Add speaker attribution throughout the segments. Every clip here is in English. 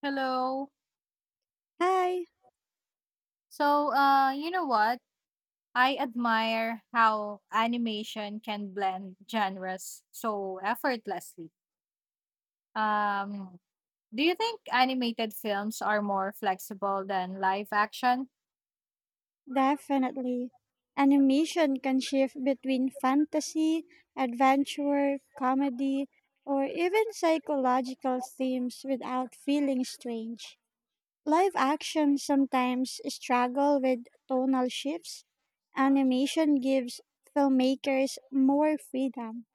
Speaker 1: Hello.
Speaker 2: Hi,
Speaker 1: So, you know what? I admire how animation can blend genres so effortlessly. Um, do you think animated films are more flexible than live action?
Speaker 2: definitely. Animation can shift between fantasy, adventure, comedy, or even psychological themes without feeling strange. Live action sometimes struggle with tonal shifts. Animation gives filmmakers more freedom.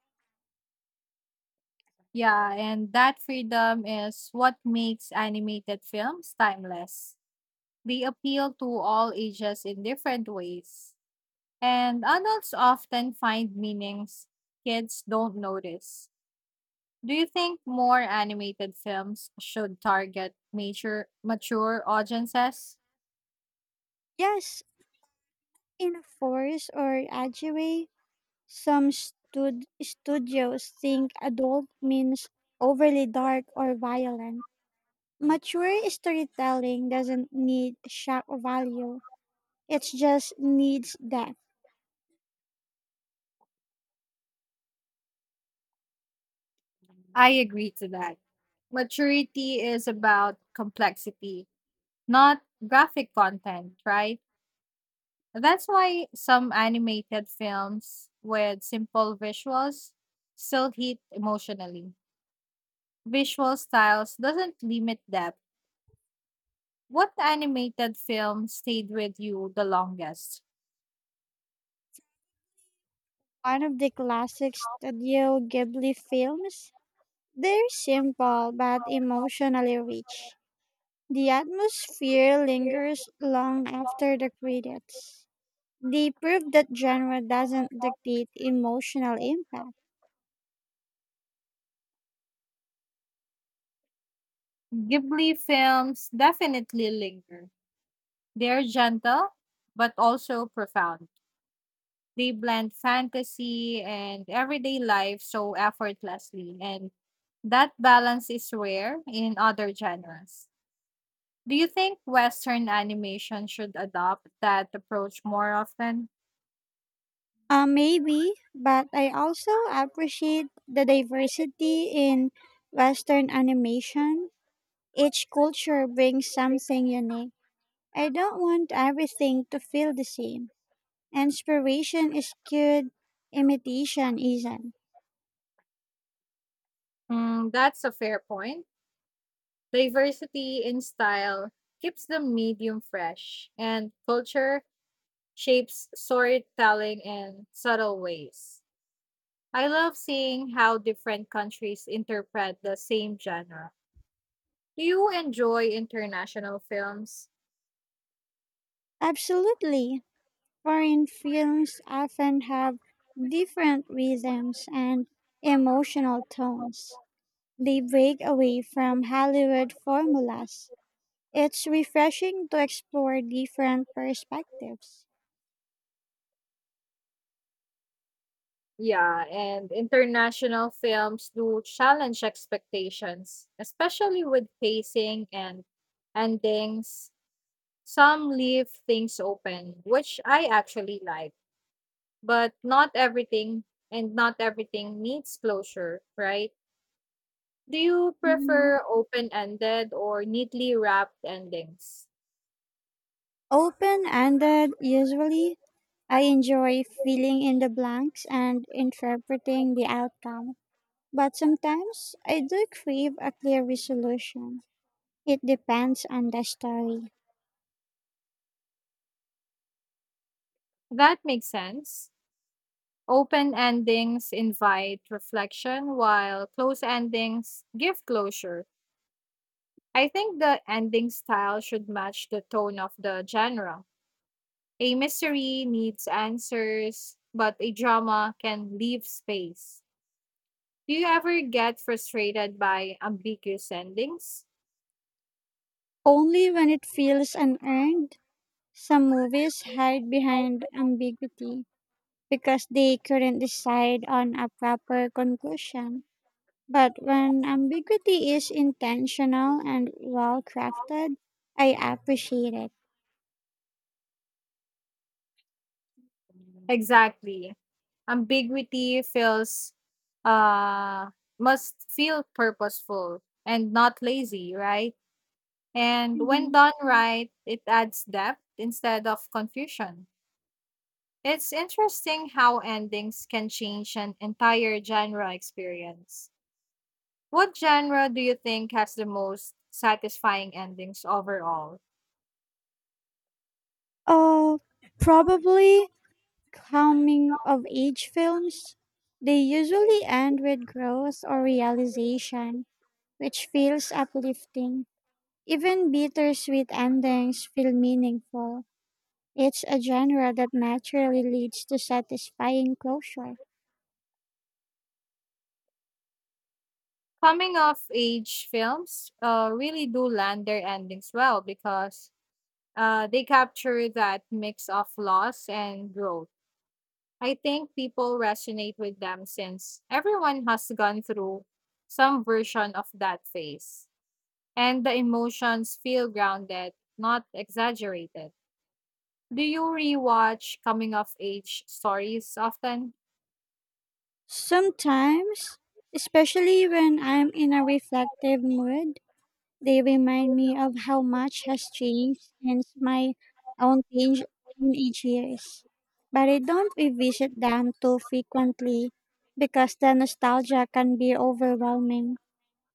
Speaker 1: Yeah, and that freedom is what makes animated films timeless. They appeal to all ages in different ways, and adults often find meanings kids don't notice. Do you think more animated films should target mature, mature audiences?
Speaker 2: Yes, in a force or edgy way, some studios think adult means overly dark or violent. Mature storytelling doesn't need shock value. It just needs depth.
Speaker 1: I agree to that. Maturity is about complexity, not graphic content, right? That's why some animated films with simple visuals still hit emotionally. Visual styles doesn't limit depth. What animated film stayed with you the longest?
Speaker 2: One of the classic Studio Ghibli films, they're simple but emotionally rich. The atmosphere lingers long after the credits. They prove that genre doesn't dictate emotional impact.
Speaker 1: Ghibli films definitely linger. They're gentle, but also profound. They blend fantasy and everyday life so effortlessly, and that balance is rare in other genres. Do you think Western animation should adopt that approach more often?
Speaker 2: Maybe, but I also appreciate the diversity in Western animation. Each culture brings something unique. I don't want everything to feel the same. Inspiration is good, imitation isn't.
Speaker 1: Mm, that's a fair point. Diversity in style keeps the medium fresh, and culture shapes storytelling in subtle ways. I love seeing how different countries interpret the same genre. Do you enjoy international films?
Speaker 2: Absolutely. Foreign films often have different rhythms and emotional tones. They break away from Hollywood formulas. It's refreshing to explore different perspectives.
Speaker 1: Yeah, and international films do challenge expectations, especially with pacing and endings. Some leave things open, which I actually like, but not everything needs closure, right? Do you
Speaker 2: Mhm.
Speaker 1: prefer open ended or neatly wrapped endings?
Speaker 2: Open ended usually. I enjoy filling in the blanks and interpreting the outcome, but sometimes I do crave a clear resolution. It depends on the story.
Speaker 1: That makes sense. Open endings invite reflection, while closed endings give closure. I think the ending style should match the tone of the genre. A mystery needs answers, but a drama can leave space. Do you ever get frustrated by ambiguous endings?
Speaker 2: Only when it feels unearned, some movies hide behind ambiguity because they couldn't decide on a proper conclusion. But when ambiguity is intentional and well crafted, I appreciate it.
Speaker 1: Exactly. Ambiguity feels uh must feel purposeful and not lazy, right? And when
Speaker 2: Mhm.
Speaker 1: done right, it adds depth instead of confusion. It's interesting how endings can change an entire genre experience. What genre do you think has the most satisfying endings overall?
Speaker 2: Oh, probably coming of age films, they usually end with growth or realization, which feels uplifting. Even bittersweet endings feel meaningful. It's a genre that naturally leads to satisfying closure.
Speaker 1: Coming of age films really do land their endings well because they capture that mix of loss and growth. I think people resonate with them since everyone has gone through some version of that phase. And the emotions feel grounded, not exaggerated. Do you rewatch coming of age stories often?
Speaker 2: Sometimes, especially when I'm in a reflective mood, they remind me of how much has changed since my own teenage years. But I don't revisit them too frequently because the nostalgia can be overwhelming.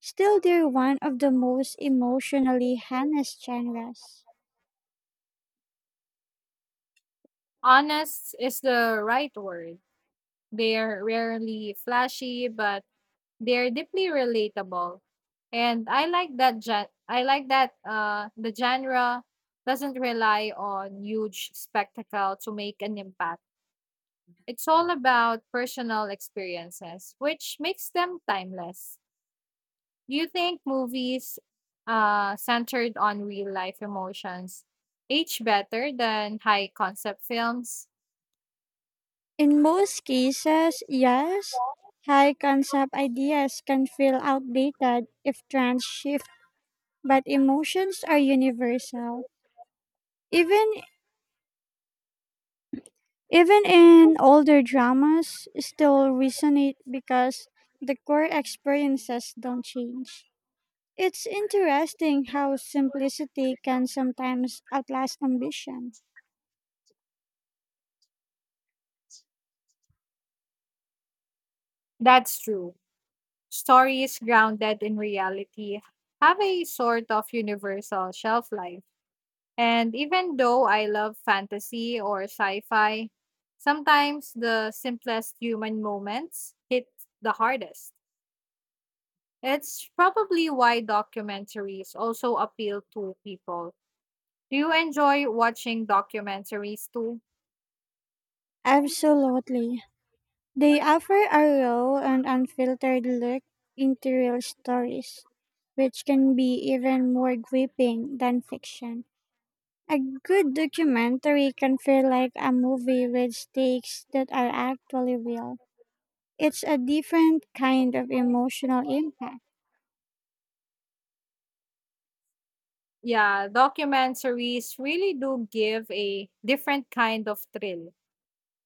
Speaker 2: Still, they're one of the most emotionally harnessed genres.
Speaker 1: Honest is the right word. They're rarely flashy, but they're deeply relatable. And I like that the genre doesn't rely on huge spectacle to make an impact. It's all about personal experiences, which makes them timeless. Do you think movies centered on real life emotions age better than high concept films?
Speaker 2: In most cases, yes, high concept ideas can feel outdated if trends shift, but emotions are universal. Even Even in older dramas, still resonate because the core experiences don't change. It's interesting how simplicity can sometimes outlast ambition.
Speaker 1: That's true. Stories grounded in reality have a sort of universal shelf life. And even though I love fantasy or sci fi, sometimes the simplest human moments hit the hardest. It's probably why documentaries also appeal to people. Do you enjoy watching documentaries too?
Speaker 2: Absolutely. They offer a raw and unfiltered look into real stories, which can be even more gripping than fiction. A good documentary can feel like a movie with stakes that are actually real. It's a different kind of emotional impact.
Speaker 1: Yeah, documentaries really do give a different kind of thrill,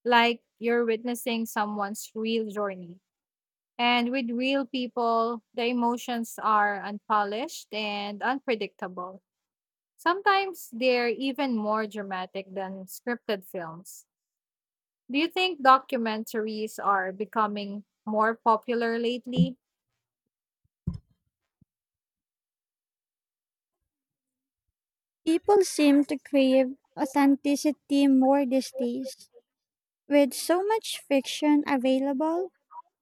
Speaker 1: like you're witnessing someone's real journey. And with real people, the emotions are unpolished and unpredictable. Sometimes they're even more dramatic than scripted films. Do you think documentaries are becoming more popular lately?
Speaker 2: People seem to crave authenticity more these days. With so much fiction available,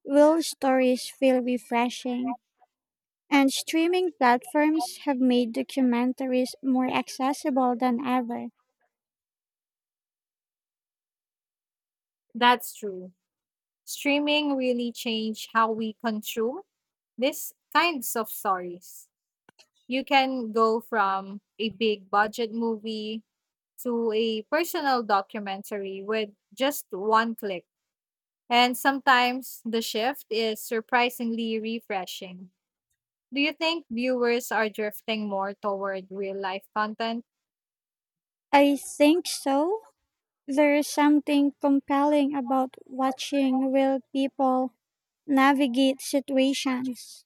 Speaker 2: real stories feel refreshing. And streaming platforms have made documentaries more accessible than ever.
Speaker 1: That's true. Streaming really changed how we consume these kinds of stories. You can go from a big budget movie to a personal documentary with just one click. And sometimes the shift is surprisingly refreshing. Do you think viewers are drifting more toward real life content?
Speaker 2: I think so. There's something compelling about watching real people navigate situations,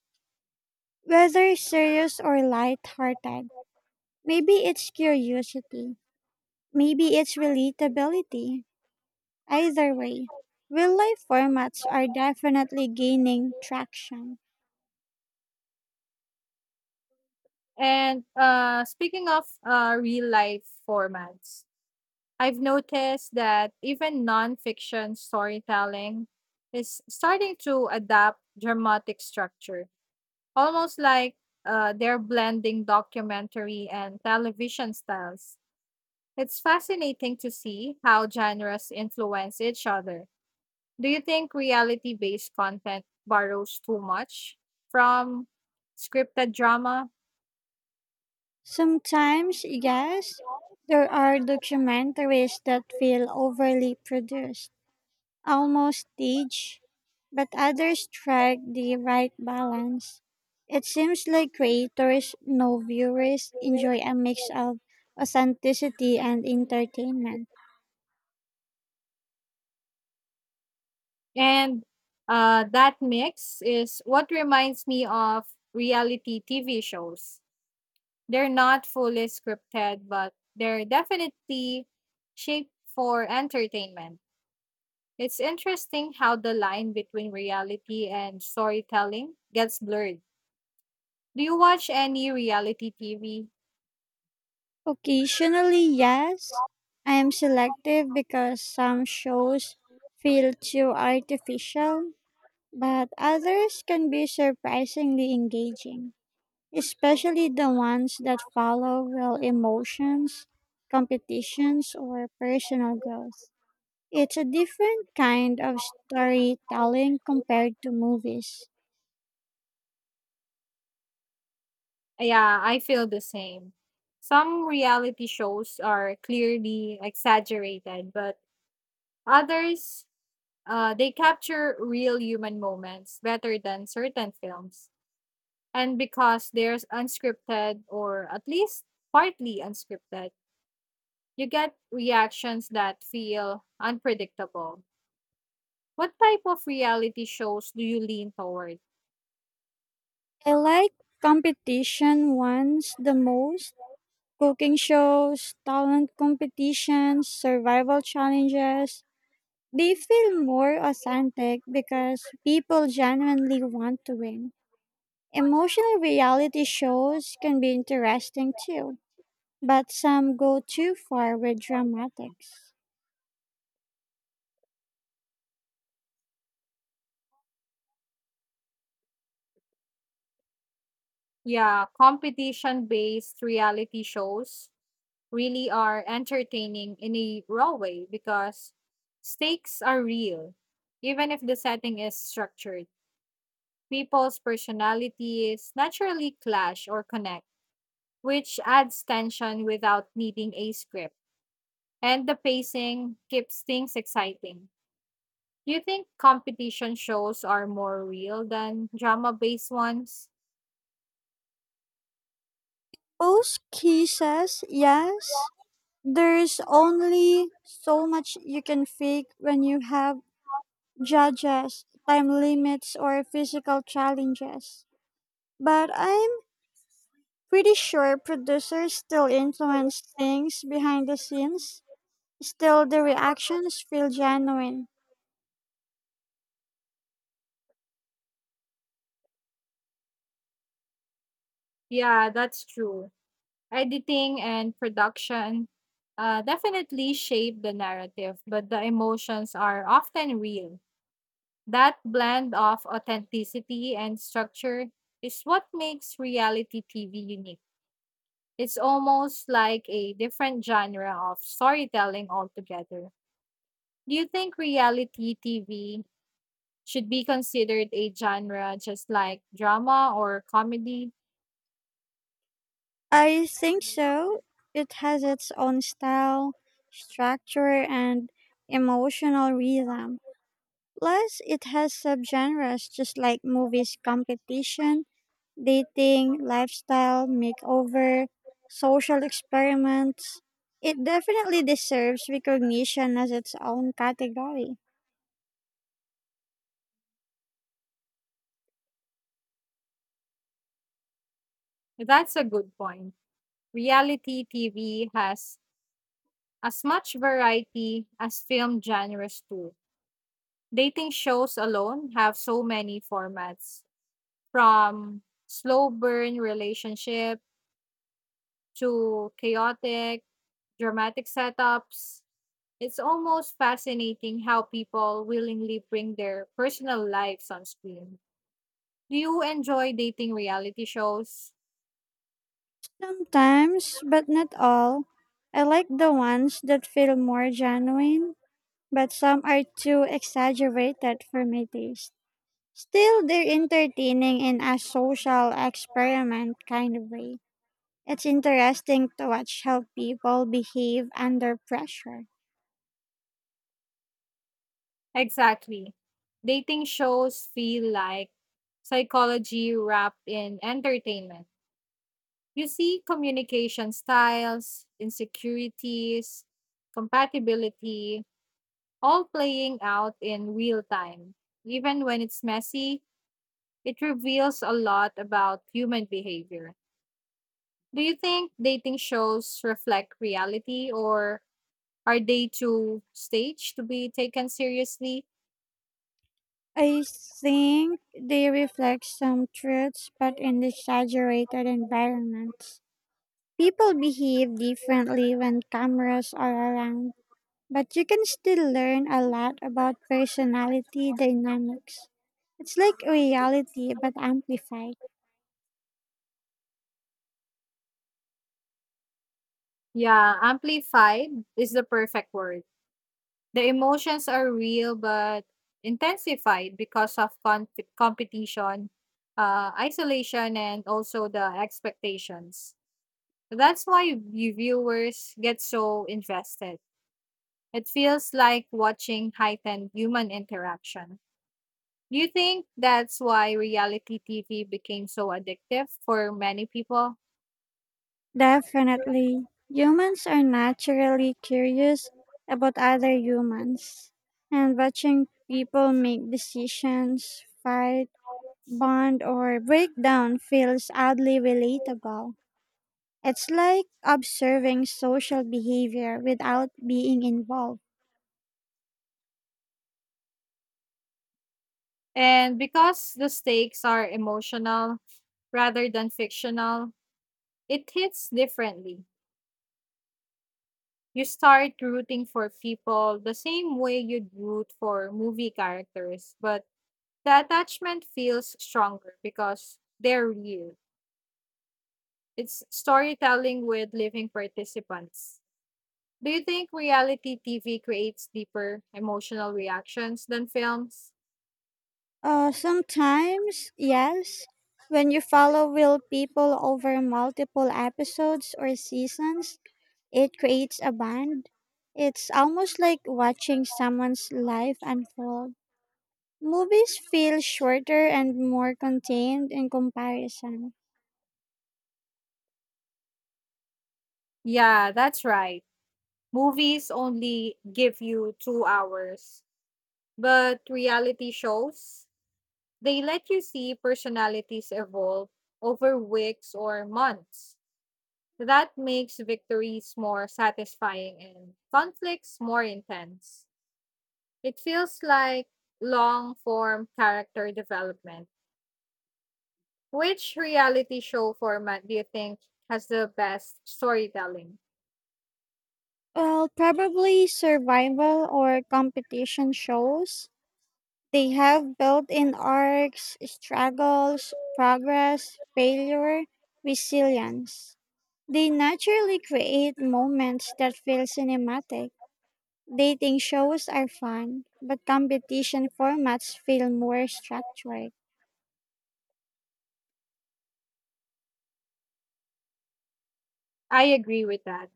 Speaker 2: whether serious or light-hearted. Maybe it's curiosity. Maybe it's relatability. Either way, real life formats are definitely gaining traction.
Speaker 1: And speaking of real life formats, I've noticed that even nonfiction storytelling is starting to adapt dramatic structure, almost like they're blending documentary and television styles. It's fascinating to see how genres influence each other. Do you think reality based content borrows too much from scripted drama?
Speaker 2: Sometimes, yes, there are documentaries that feel overly produced, almost staged, but others strike the right balance. It seems like creators know viewers enjoy a mix of authenticity and entertainment.
Speaker 1: And that mix is what reminds me of reality TV shows. They're not fully scripted, but they're definitely shaped for entertainment. It's interesting how the line between reality and storytelling gets blurred. Do you watch any reality TV?
Speaker 2: Occasionally, yes. I am selective because some shows feel too artificial, but others can be surprisingly engaging, especially the ones that follow real emotions, competitions, or personal growth. It's a different kind of storytelling compared to movies.
Speaker 1: Yeah, I feel the same. Some reality shows are clearly exaggerated, but others, they capture real human moments better than certain films. And because they're unscripted, or at least partly unscripted, you get reactions that feel unpredictable. What type of reality shows do you lean toward?
Speaker 2: I like competition ones the most. Cooking shows, talent competitions, survival challenges. They feel more authentic because people genuinely want to win. Emotional reality shows can be interesting too, but some go too far with dramatics.
Speaker 1: Yeah, competition based reality shows really are entertaining in a raw way because stakes are real. Even if the setting is structured, people's personalities naturally clash or connect, which adds tension without needing a script. And the pacing keeps things exciting. Do you think competition shows are more real than drama based ones?
Speaker 2: Most cases, yes, there's only so much you can fake when you have judges, time limits, or physical challenges. But I Pretty sure producers still influence things behind the scenes. Still, the reactions feel genuine.
Speaker 1: Yeah, that's true. Editing and production definitely shape the narrative, but the emotions are often real. That blend of authenticity and structure is what makes reality TV unique. It's almost like a different genre of storytelling altogether. Do you think reality TV should be considered a genre just like drama or comedy?
Speaker 2: I think so. It has its own style, structure, and emotional rhythm. Plus, it has subgenres just like movies competition, dating, lifestyle, makeover, social experiments. It definitely deserves recognition as its own category.
Speaker 1: That's a good point. Reality TV has as much variety as film genres too. Dating shows alone have so many formats, from slow burn relationship to chaotic dramatic setups. It's almost fascinating how people willingly bring their personal lives on screen. Do you enjoy dating reality shows?
Speaker 2: Sometimes, but not all. I like the ones that feel more genuine, but some are too exaggerated for my taste. Still, they're entertaining in a social experiment kind of way. It's interesting to watch how people behave under pressure.
Speaker 1: Exactly. Dating shows feel like psychology wrapped in entertainment. You see communication styles, insecurities, compatibility, all playing out in real time. Even when it's messy, it reveals a lot about human behavior. Do you think dating shows reflect reality or are they too staged to be taken seriously?
Speaker 2: I think they reflect some truths, but in exaggerated environments. People behave differently when cameras are around. But you can still learn a lot about personality dynamics. It's like reality but amplified.
Speaker 1: Yeah, amplified is the perfect word. The emotions are real but intensified because of competition, isolation, and also the expectations. That's why you viewers get so invested. It feels like watching heightened human interaction. Do you think that's why reality TV became so addictive for many people?
Speaker 2: Definitely. Humans are naturally curious about other humans, and watching people make decisions, fight, bond, or break down feels oddly relatable. It's like observing social behavior without being involved.
Speaker 1: And because the stakes are emotional rather than fictional, it hits differently. You start rooting for people the same way you'd root for movie characters, but the attachment feels stronger because they're real. It's storytelling with living participants. Do you think reality TV creates deeper emotional reactions than films?
Speaker 2: Sometimes, yes. When you follow real people over multiple episodes or seasons, it creates a bond. It's almost like watching someone's life unfold. Movies feel shorter and more contained in comparison.
Speaker 1: Yeah, that's right. Movies only give you 2 hours, but reality shows, they let you see personalities evolve over weeks or months. That makes victories more satisfying and conflicts more intense. It feels like long form character development. Which reality show format do you think has the best storytelling?
Speaker 2: Well, probably survival or competition shows. They have built in arcs, struggles, progress, failure, resilience. They naturally create moments that feel cinematic. Dating shows are fun, but competition formats feel more structured.
Speaker 1: I agree with that.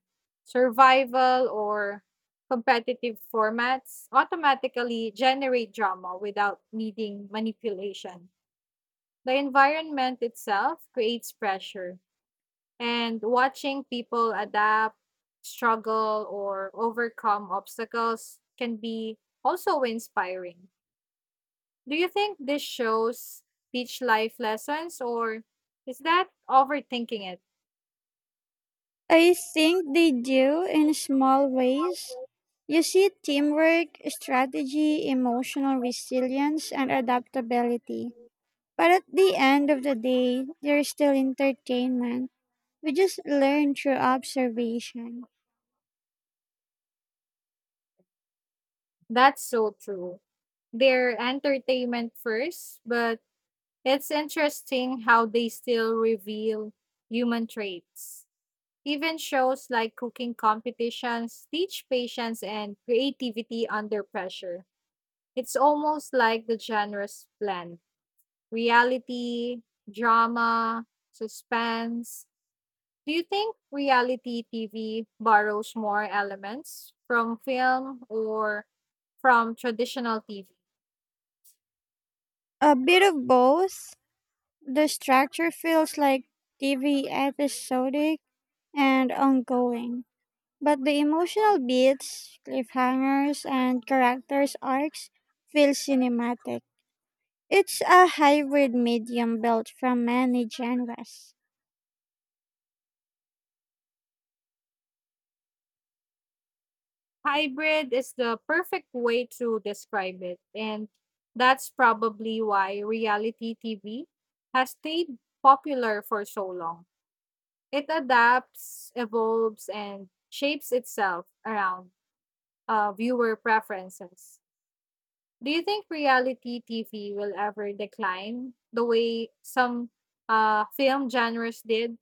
Speaker 1: Survival or competitive formats automatically generate drama without needing manipulation. The environment itself creates pressure, and watching people adapt, struggle, or overcome obstacles can be also inspiring. Do you think this shows teach life lessons, or is that overthinking it?
Speaker 2: I think they do in small ways. You see teamwork, strategy, emotional resilience, and adaptability. But at the end of the day, they're still entertainment. We just learn through observation.
Speaker 1: That's so true. They're entertainment first, but it's interesting how they still reveal human traits. Even shows like cooking competitions teach patience and creativity under pressure. It's almost like the genres blend reality, drama, suspense. Do you think reality TV borrows more elements from film or from traditional TV?
Speaker 2: A bit of both. The structure feels like TV episodic and ongoing, but the emotional beats, cliffhangers, and characters' arcs feel cinematic. It's a hybrid medium built from many genres.
Speaker 1: Hybrid is the perfect way to describe it, and that's probably why reality TV has stayed popular for so long. It adapts, evolves, and shapes itself around viewer preferences. Do you think reality TV will ever decline the way some film genres did?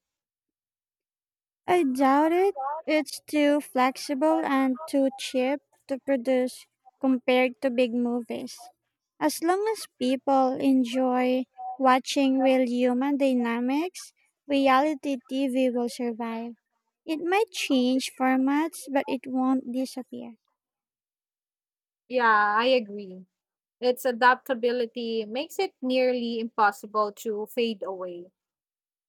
Speaker 2: I doubt it. It's too flexible and too cheap to produce compared to big movies. As long as people enjoy watching real human dynamics, reality TV will survive. It might change formats, but it won't disappear.
Speaker 1: Yeah, I agree. Its adaptability makes it nearly impossible to fade away.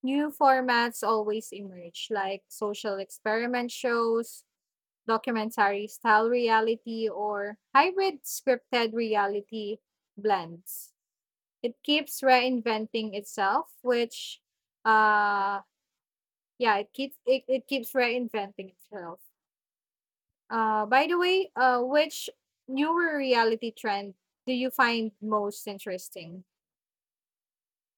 Speaker 1: New formats always emerge, like social experiment shows, documentary style reality, or hybrid scripted reality blends. It keeps reinventing itself, which, uh, yeah, it keeps it, it keeps reinventing itself. By the way, which newer reality trend do you find most interesting?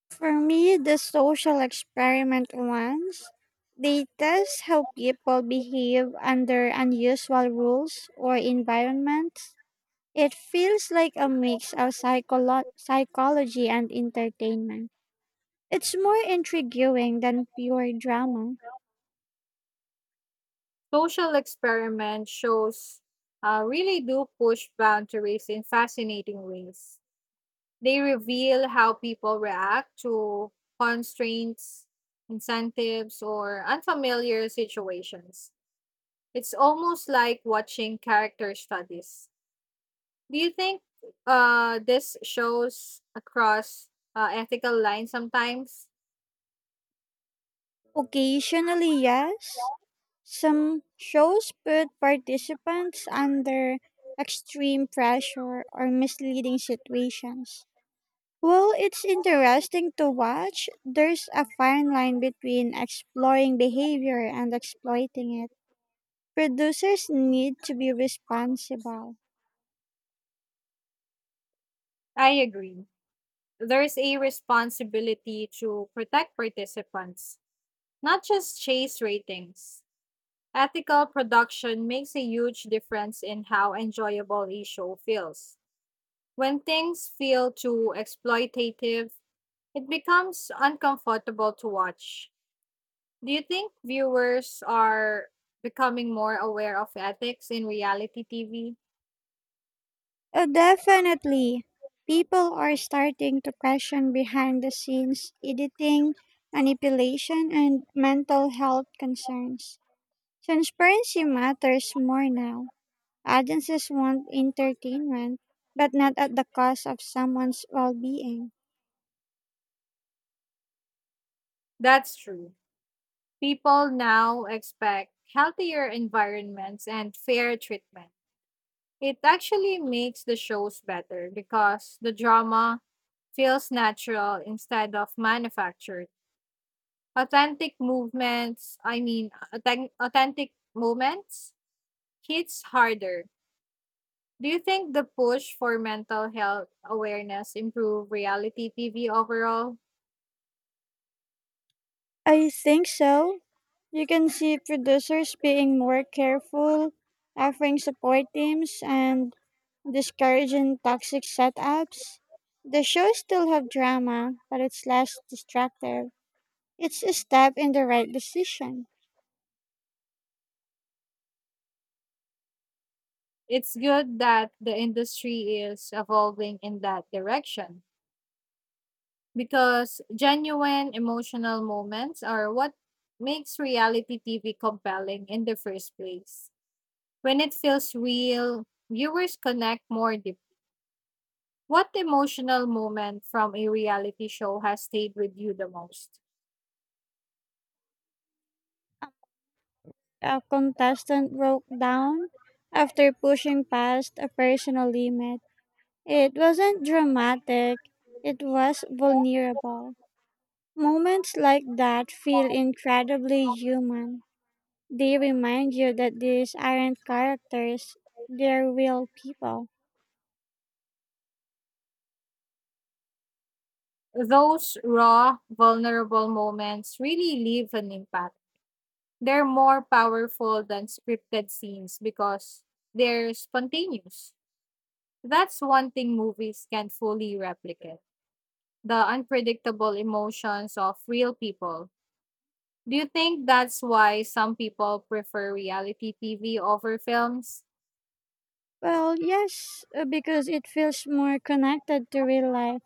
Speaker 2: For me, the social experiment ones, they test how people behave under unusual rules or environments. It feels like a mix of psychology and entertainment. It's more intriguing than pure drama.
Speaker 1: Social experiment shows really do push boundaries in fascinating ways. They reveal how people react to constraints, incentives, or unfamiliar situations. It's almost like watching character studies. Do you think this shows across ethical lines sometimes?
Speaker 2: Occasionally, yes. Some shows put participants under extreme pressure or misleading situations. While it's interesting to watch, there's a fine line between exploring behavior and exploiting it. Producers need to be responsible.
Speaker 1: I agree. There's a responsibility to protect participants, not just chase ratings. Ethical production makes a huge difference in how enjoyable a show feels. When things feel too exploitative, it becomes uncomfortable to watch. Do you think viewers are becoming more aware of ethics in reality TV?
Speaker 2: Oh, definitely. People are starting to question behind the scenes editing, manipulation, and mental health concerns. Transparency matters more now. Audiences want entertainment, but not at the cost of someone's well being.
Speaker 1: That's true. People now expect healthier environments and fair treatment. It actually makes the shows better because the drama feels natural instead of manufactured. Authentic movements, I mean, authen- Authentic moments hits harder. Do you think the push for mental health awareness improve reality TV overall?
Speaker 2: I think so. You can see producers being more careful, offering support teams, and discouraging toxic setups. The show still have drama, but it's less destructive. It's a step in the right decision.
Speaker 1: It's good that the industry is evolving in that direction. Because genuine emotional moments are what makes reality TV compelling in the first place. When it feels real, viewers connect more deeply. What emotional moment from a reality show has stayed with you the most?
Speaker 2: A contestant broke down after pushing past a personal limit. It wasn't dramatic, it was vulnerable. Moments like that feel incredibly human. They remind you that these aren't characters, they're real people.
Speaker 1: Those raw, vulnerable moments really leave an impact. They're more powerful than scripted scenes because they're spontaneous. That's one thing movies can't fully replicate: the unpredictable emotions of real people. Do you think that's why some people prefer reality TV over films?
Speaker 2: Well, yes, because it feels more connected to real life.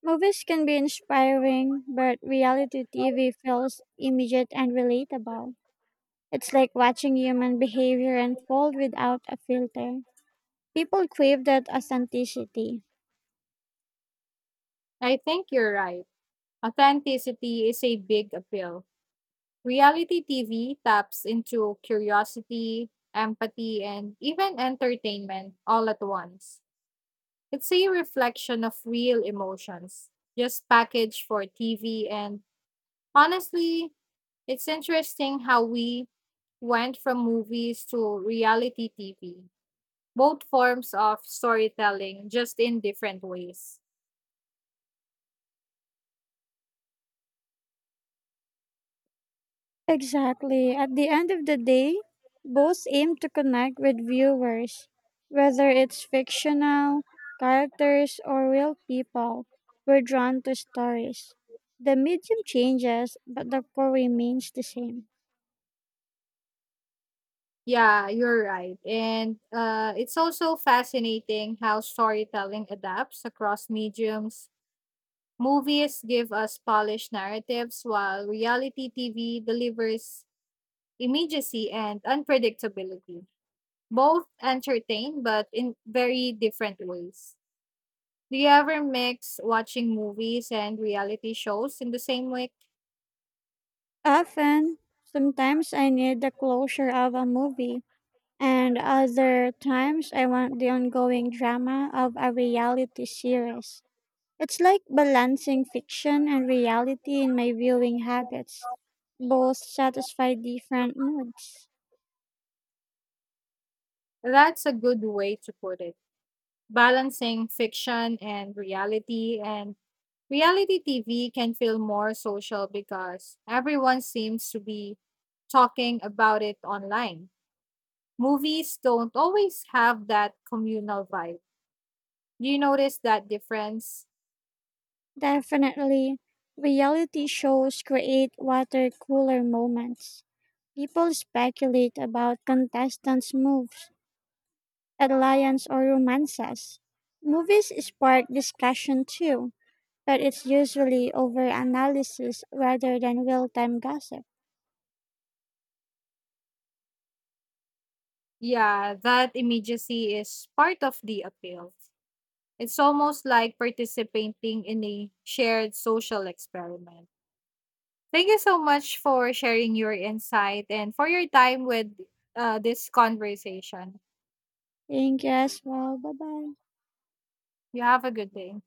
Speaker 2: Movies can be inspiring, but reality TV feels immediate and relatable. It's like watching human behavior unfold without a filter. People crave that authenticity.
Speaker 1: I think you're right. Authenticity is a big appeal. Reality TV taps into curiosity, empathy, and even entertainment all at once. It's a reflection of real emotions, just packaged for TV, and honestly, it's interesting how we went from movies to reality TV, both forms of storytelling, just in different ways.
Speaker 2: Exactly. At the end of the day, both aim to connect with viewers, whether it's fictional characters or real people. We're drawn to stories. The medium changes, but the core remains the same.
Speaker 1: Yeah, you're right. And it's also fascinating how storytelling adapts across mediums. Movies give us polished narratives, while reality TV delivers immediacy and unpredictability. Both entertain, but in very different ways. Do you ever mix watching movies and reality shows in the same week?
Speaker 2: Often, sometimes I need the closure of a movie, and other times I want the ongoing drama of a reality series. It's like balancing fiction and reality in my viewing habits. Both satisfy different moods.
Speaker 1: That's a good way to put it. Balancing fiction and reality, and reality TV can feel more social because everyone seems to be talking about it online. Movies don't always have that communal vibe. Do you notice that difference?
Speaker 2: Definitely, reality shows create water cooler moments. People speculate about contestants' moves, alliance, or romances. Movies spark discussion too, but it's usually over analysis rather than real time gossip.
Speaker 1: Yeah, that immediacy is part of the appeal. It's almost like participating in a shared social experiment. Thank you so much for sharing your insight and for your time with this conversation.
Speaker 2: Thank you as well. Bye bye.
Speaker 1: You have a good day.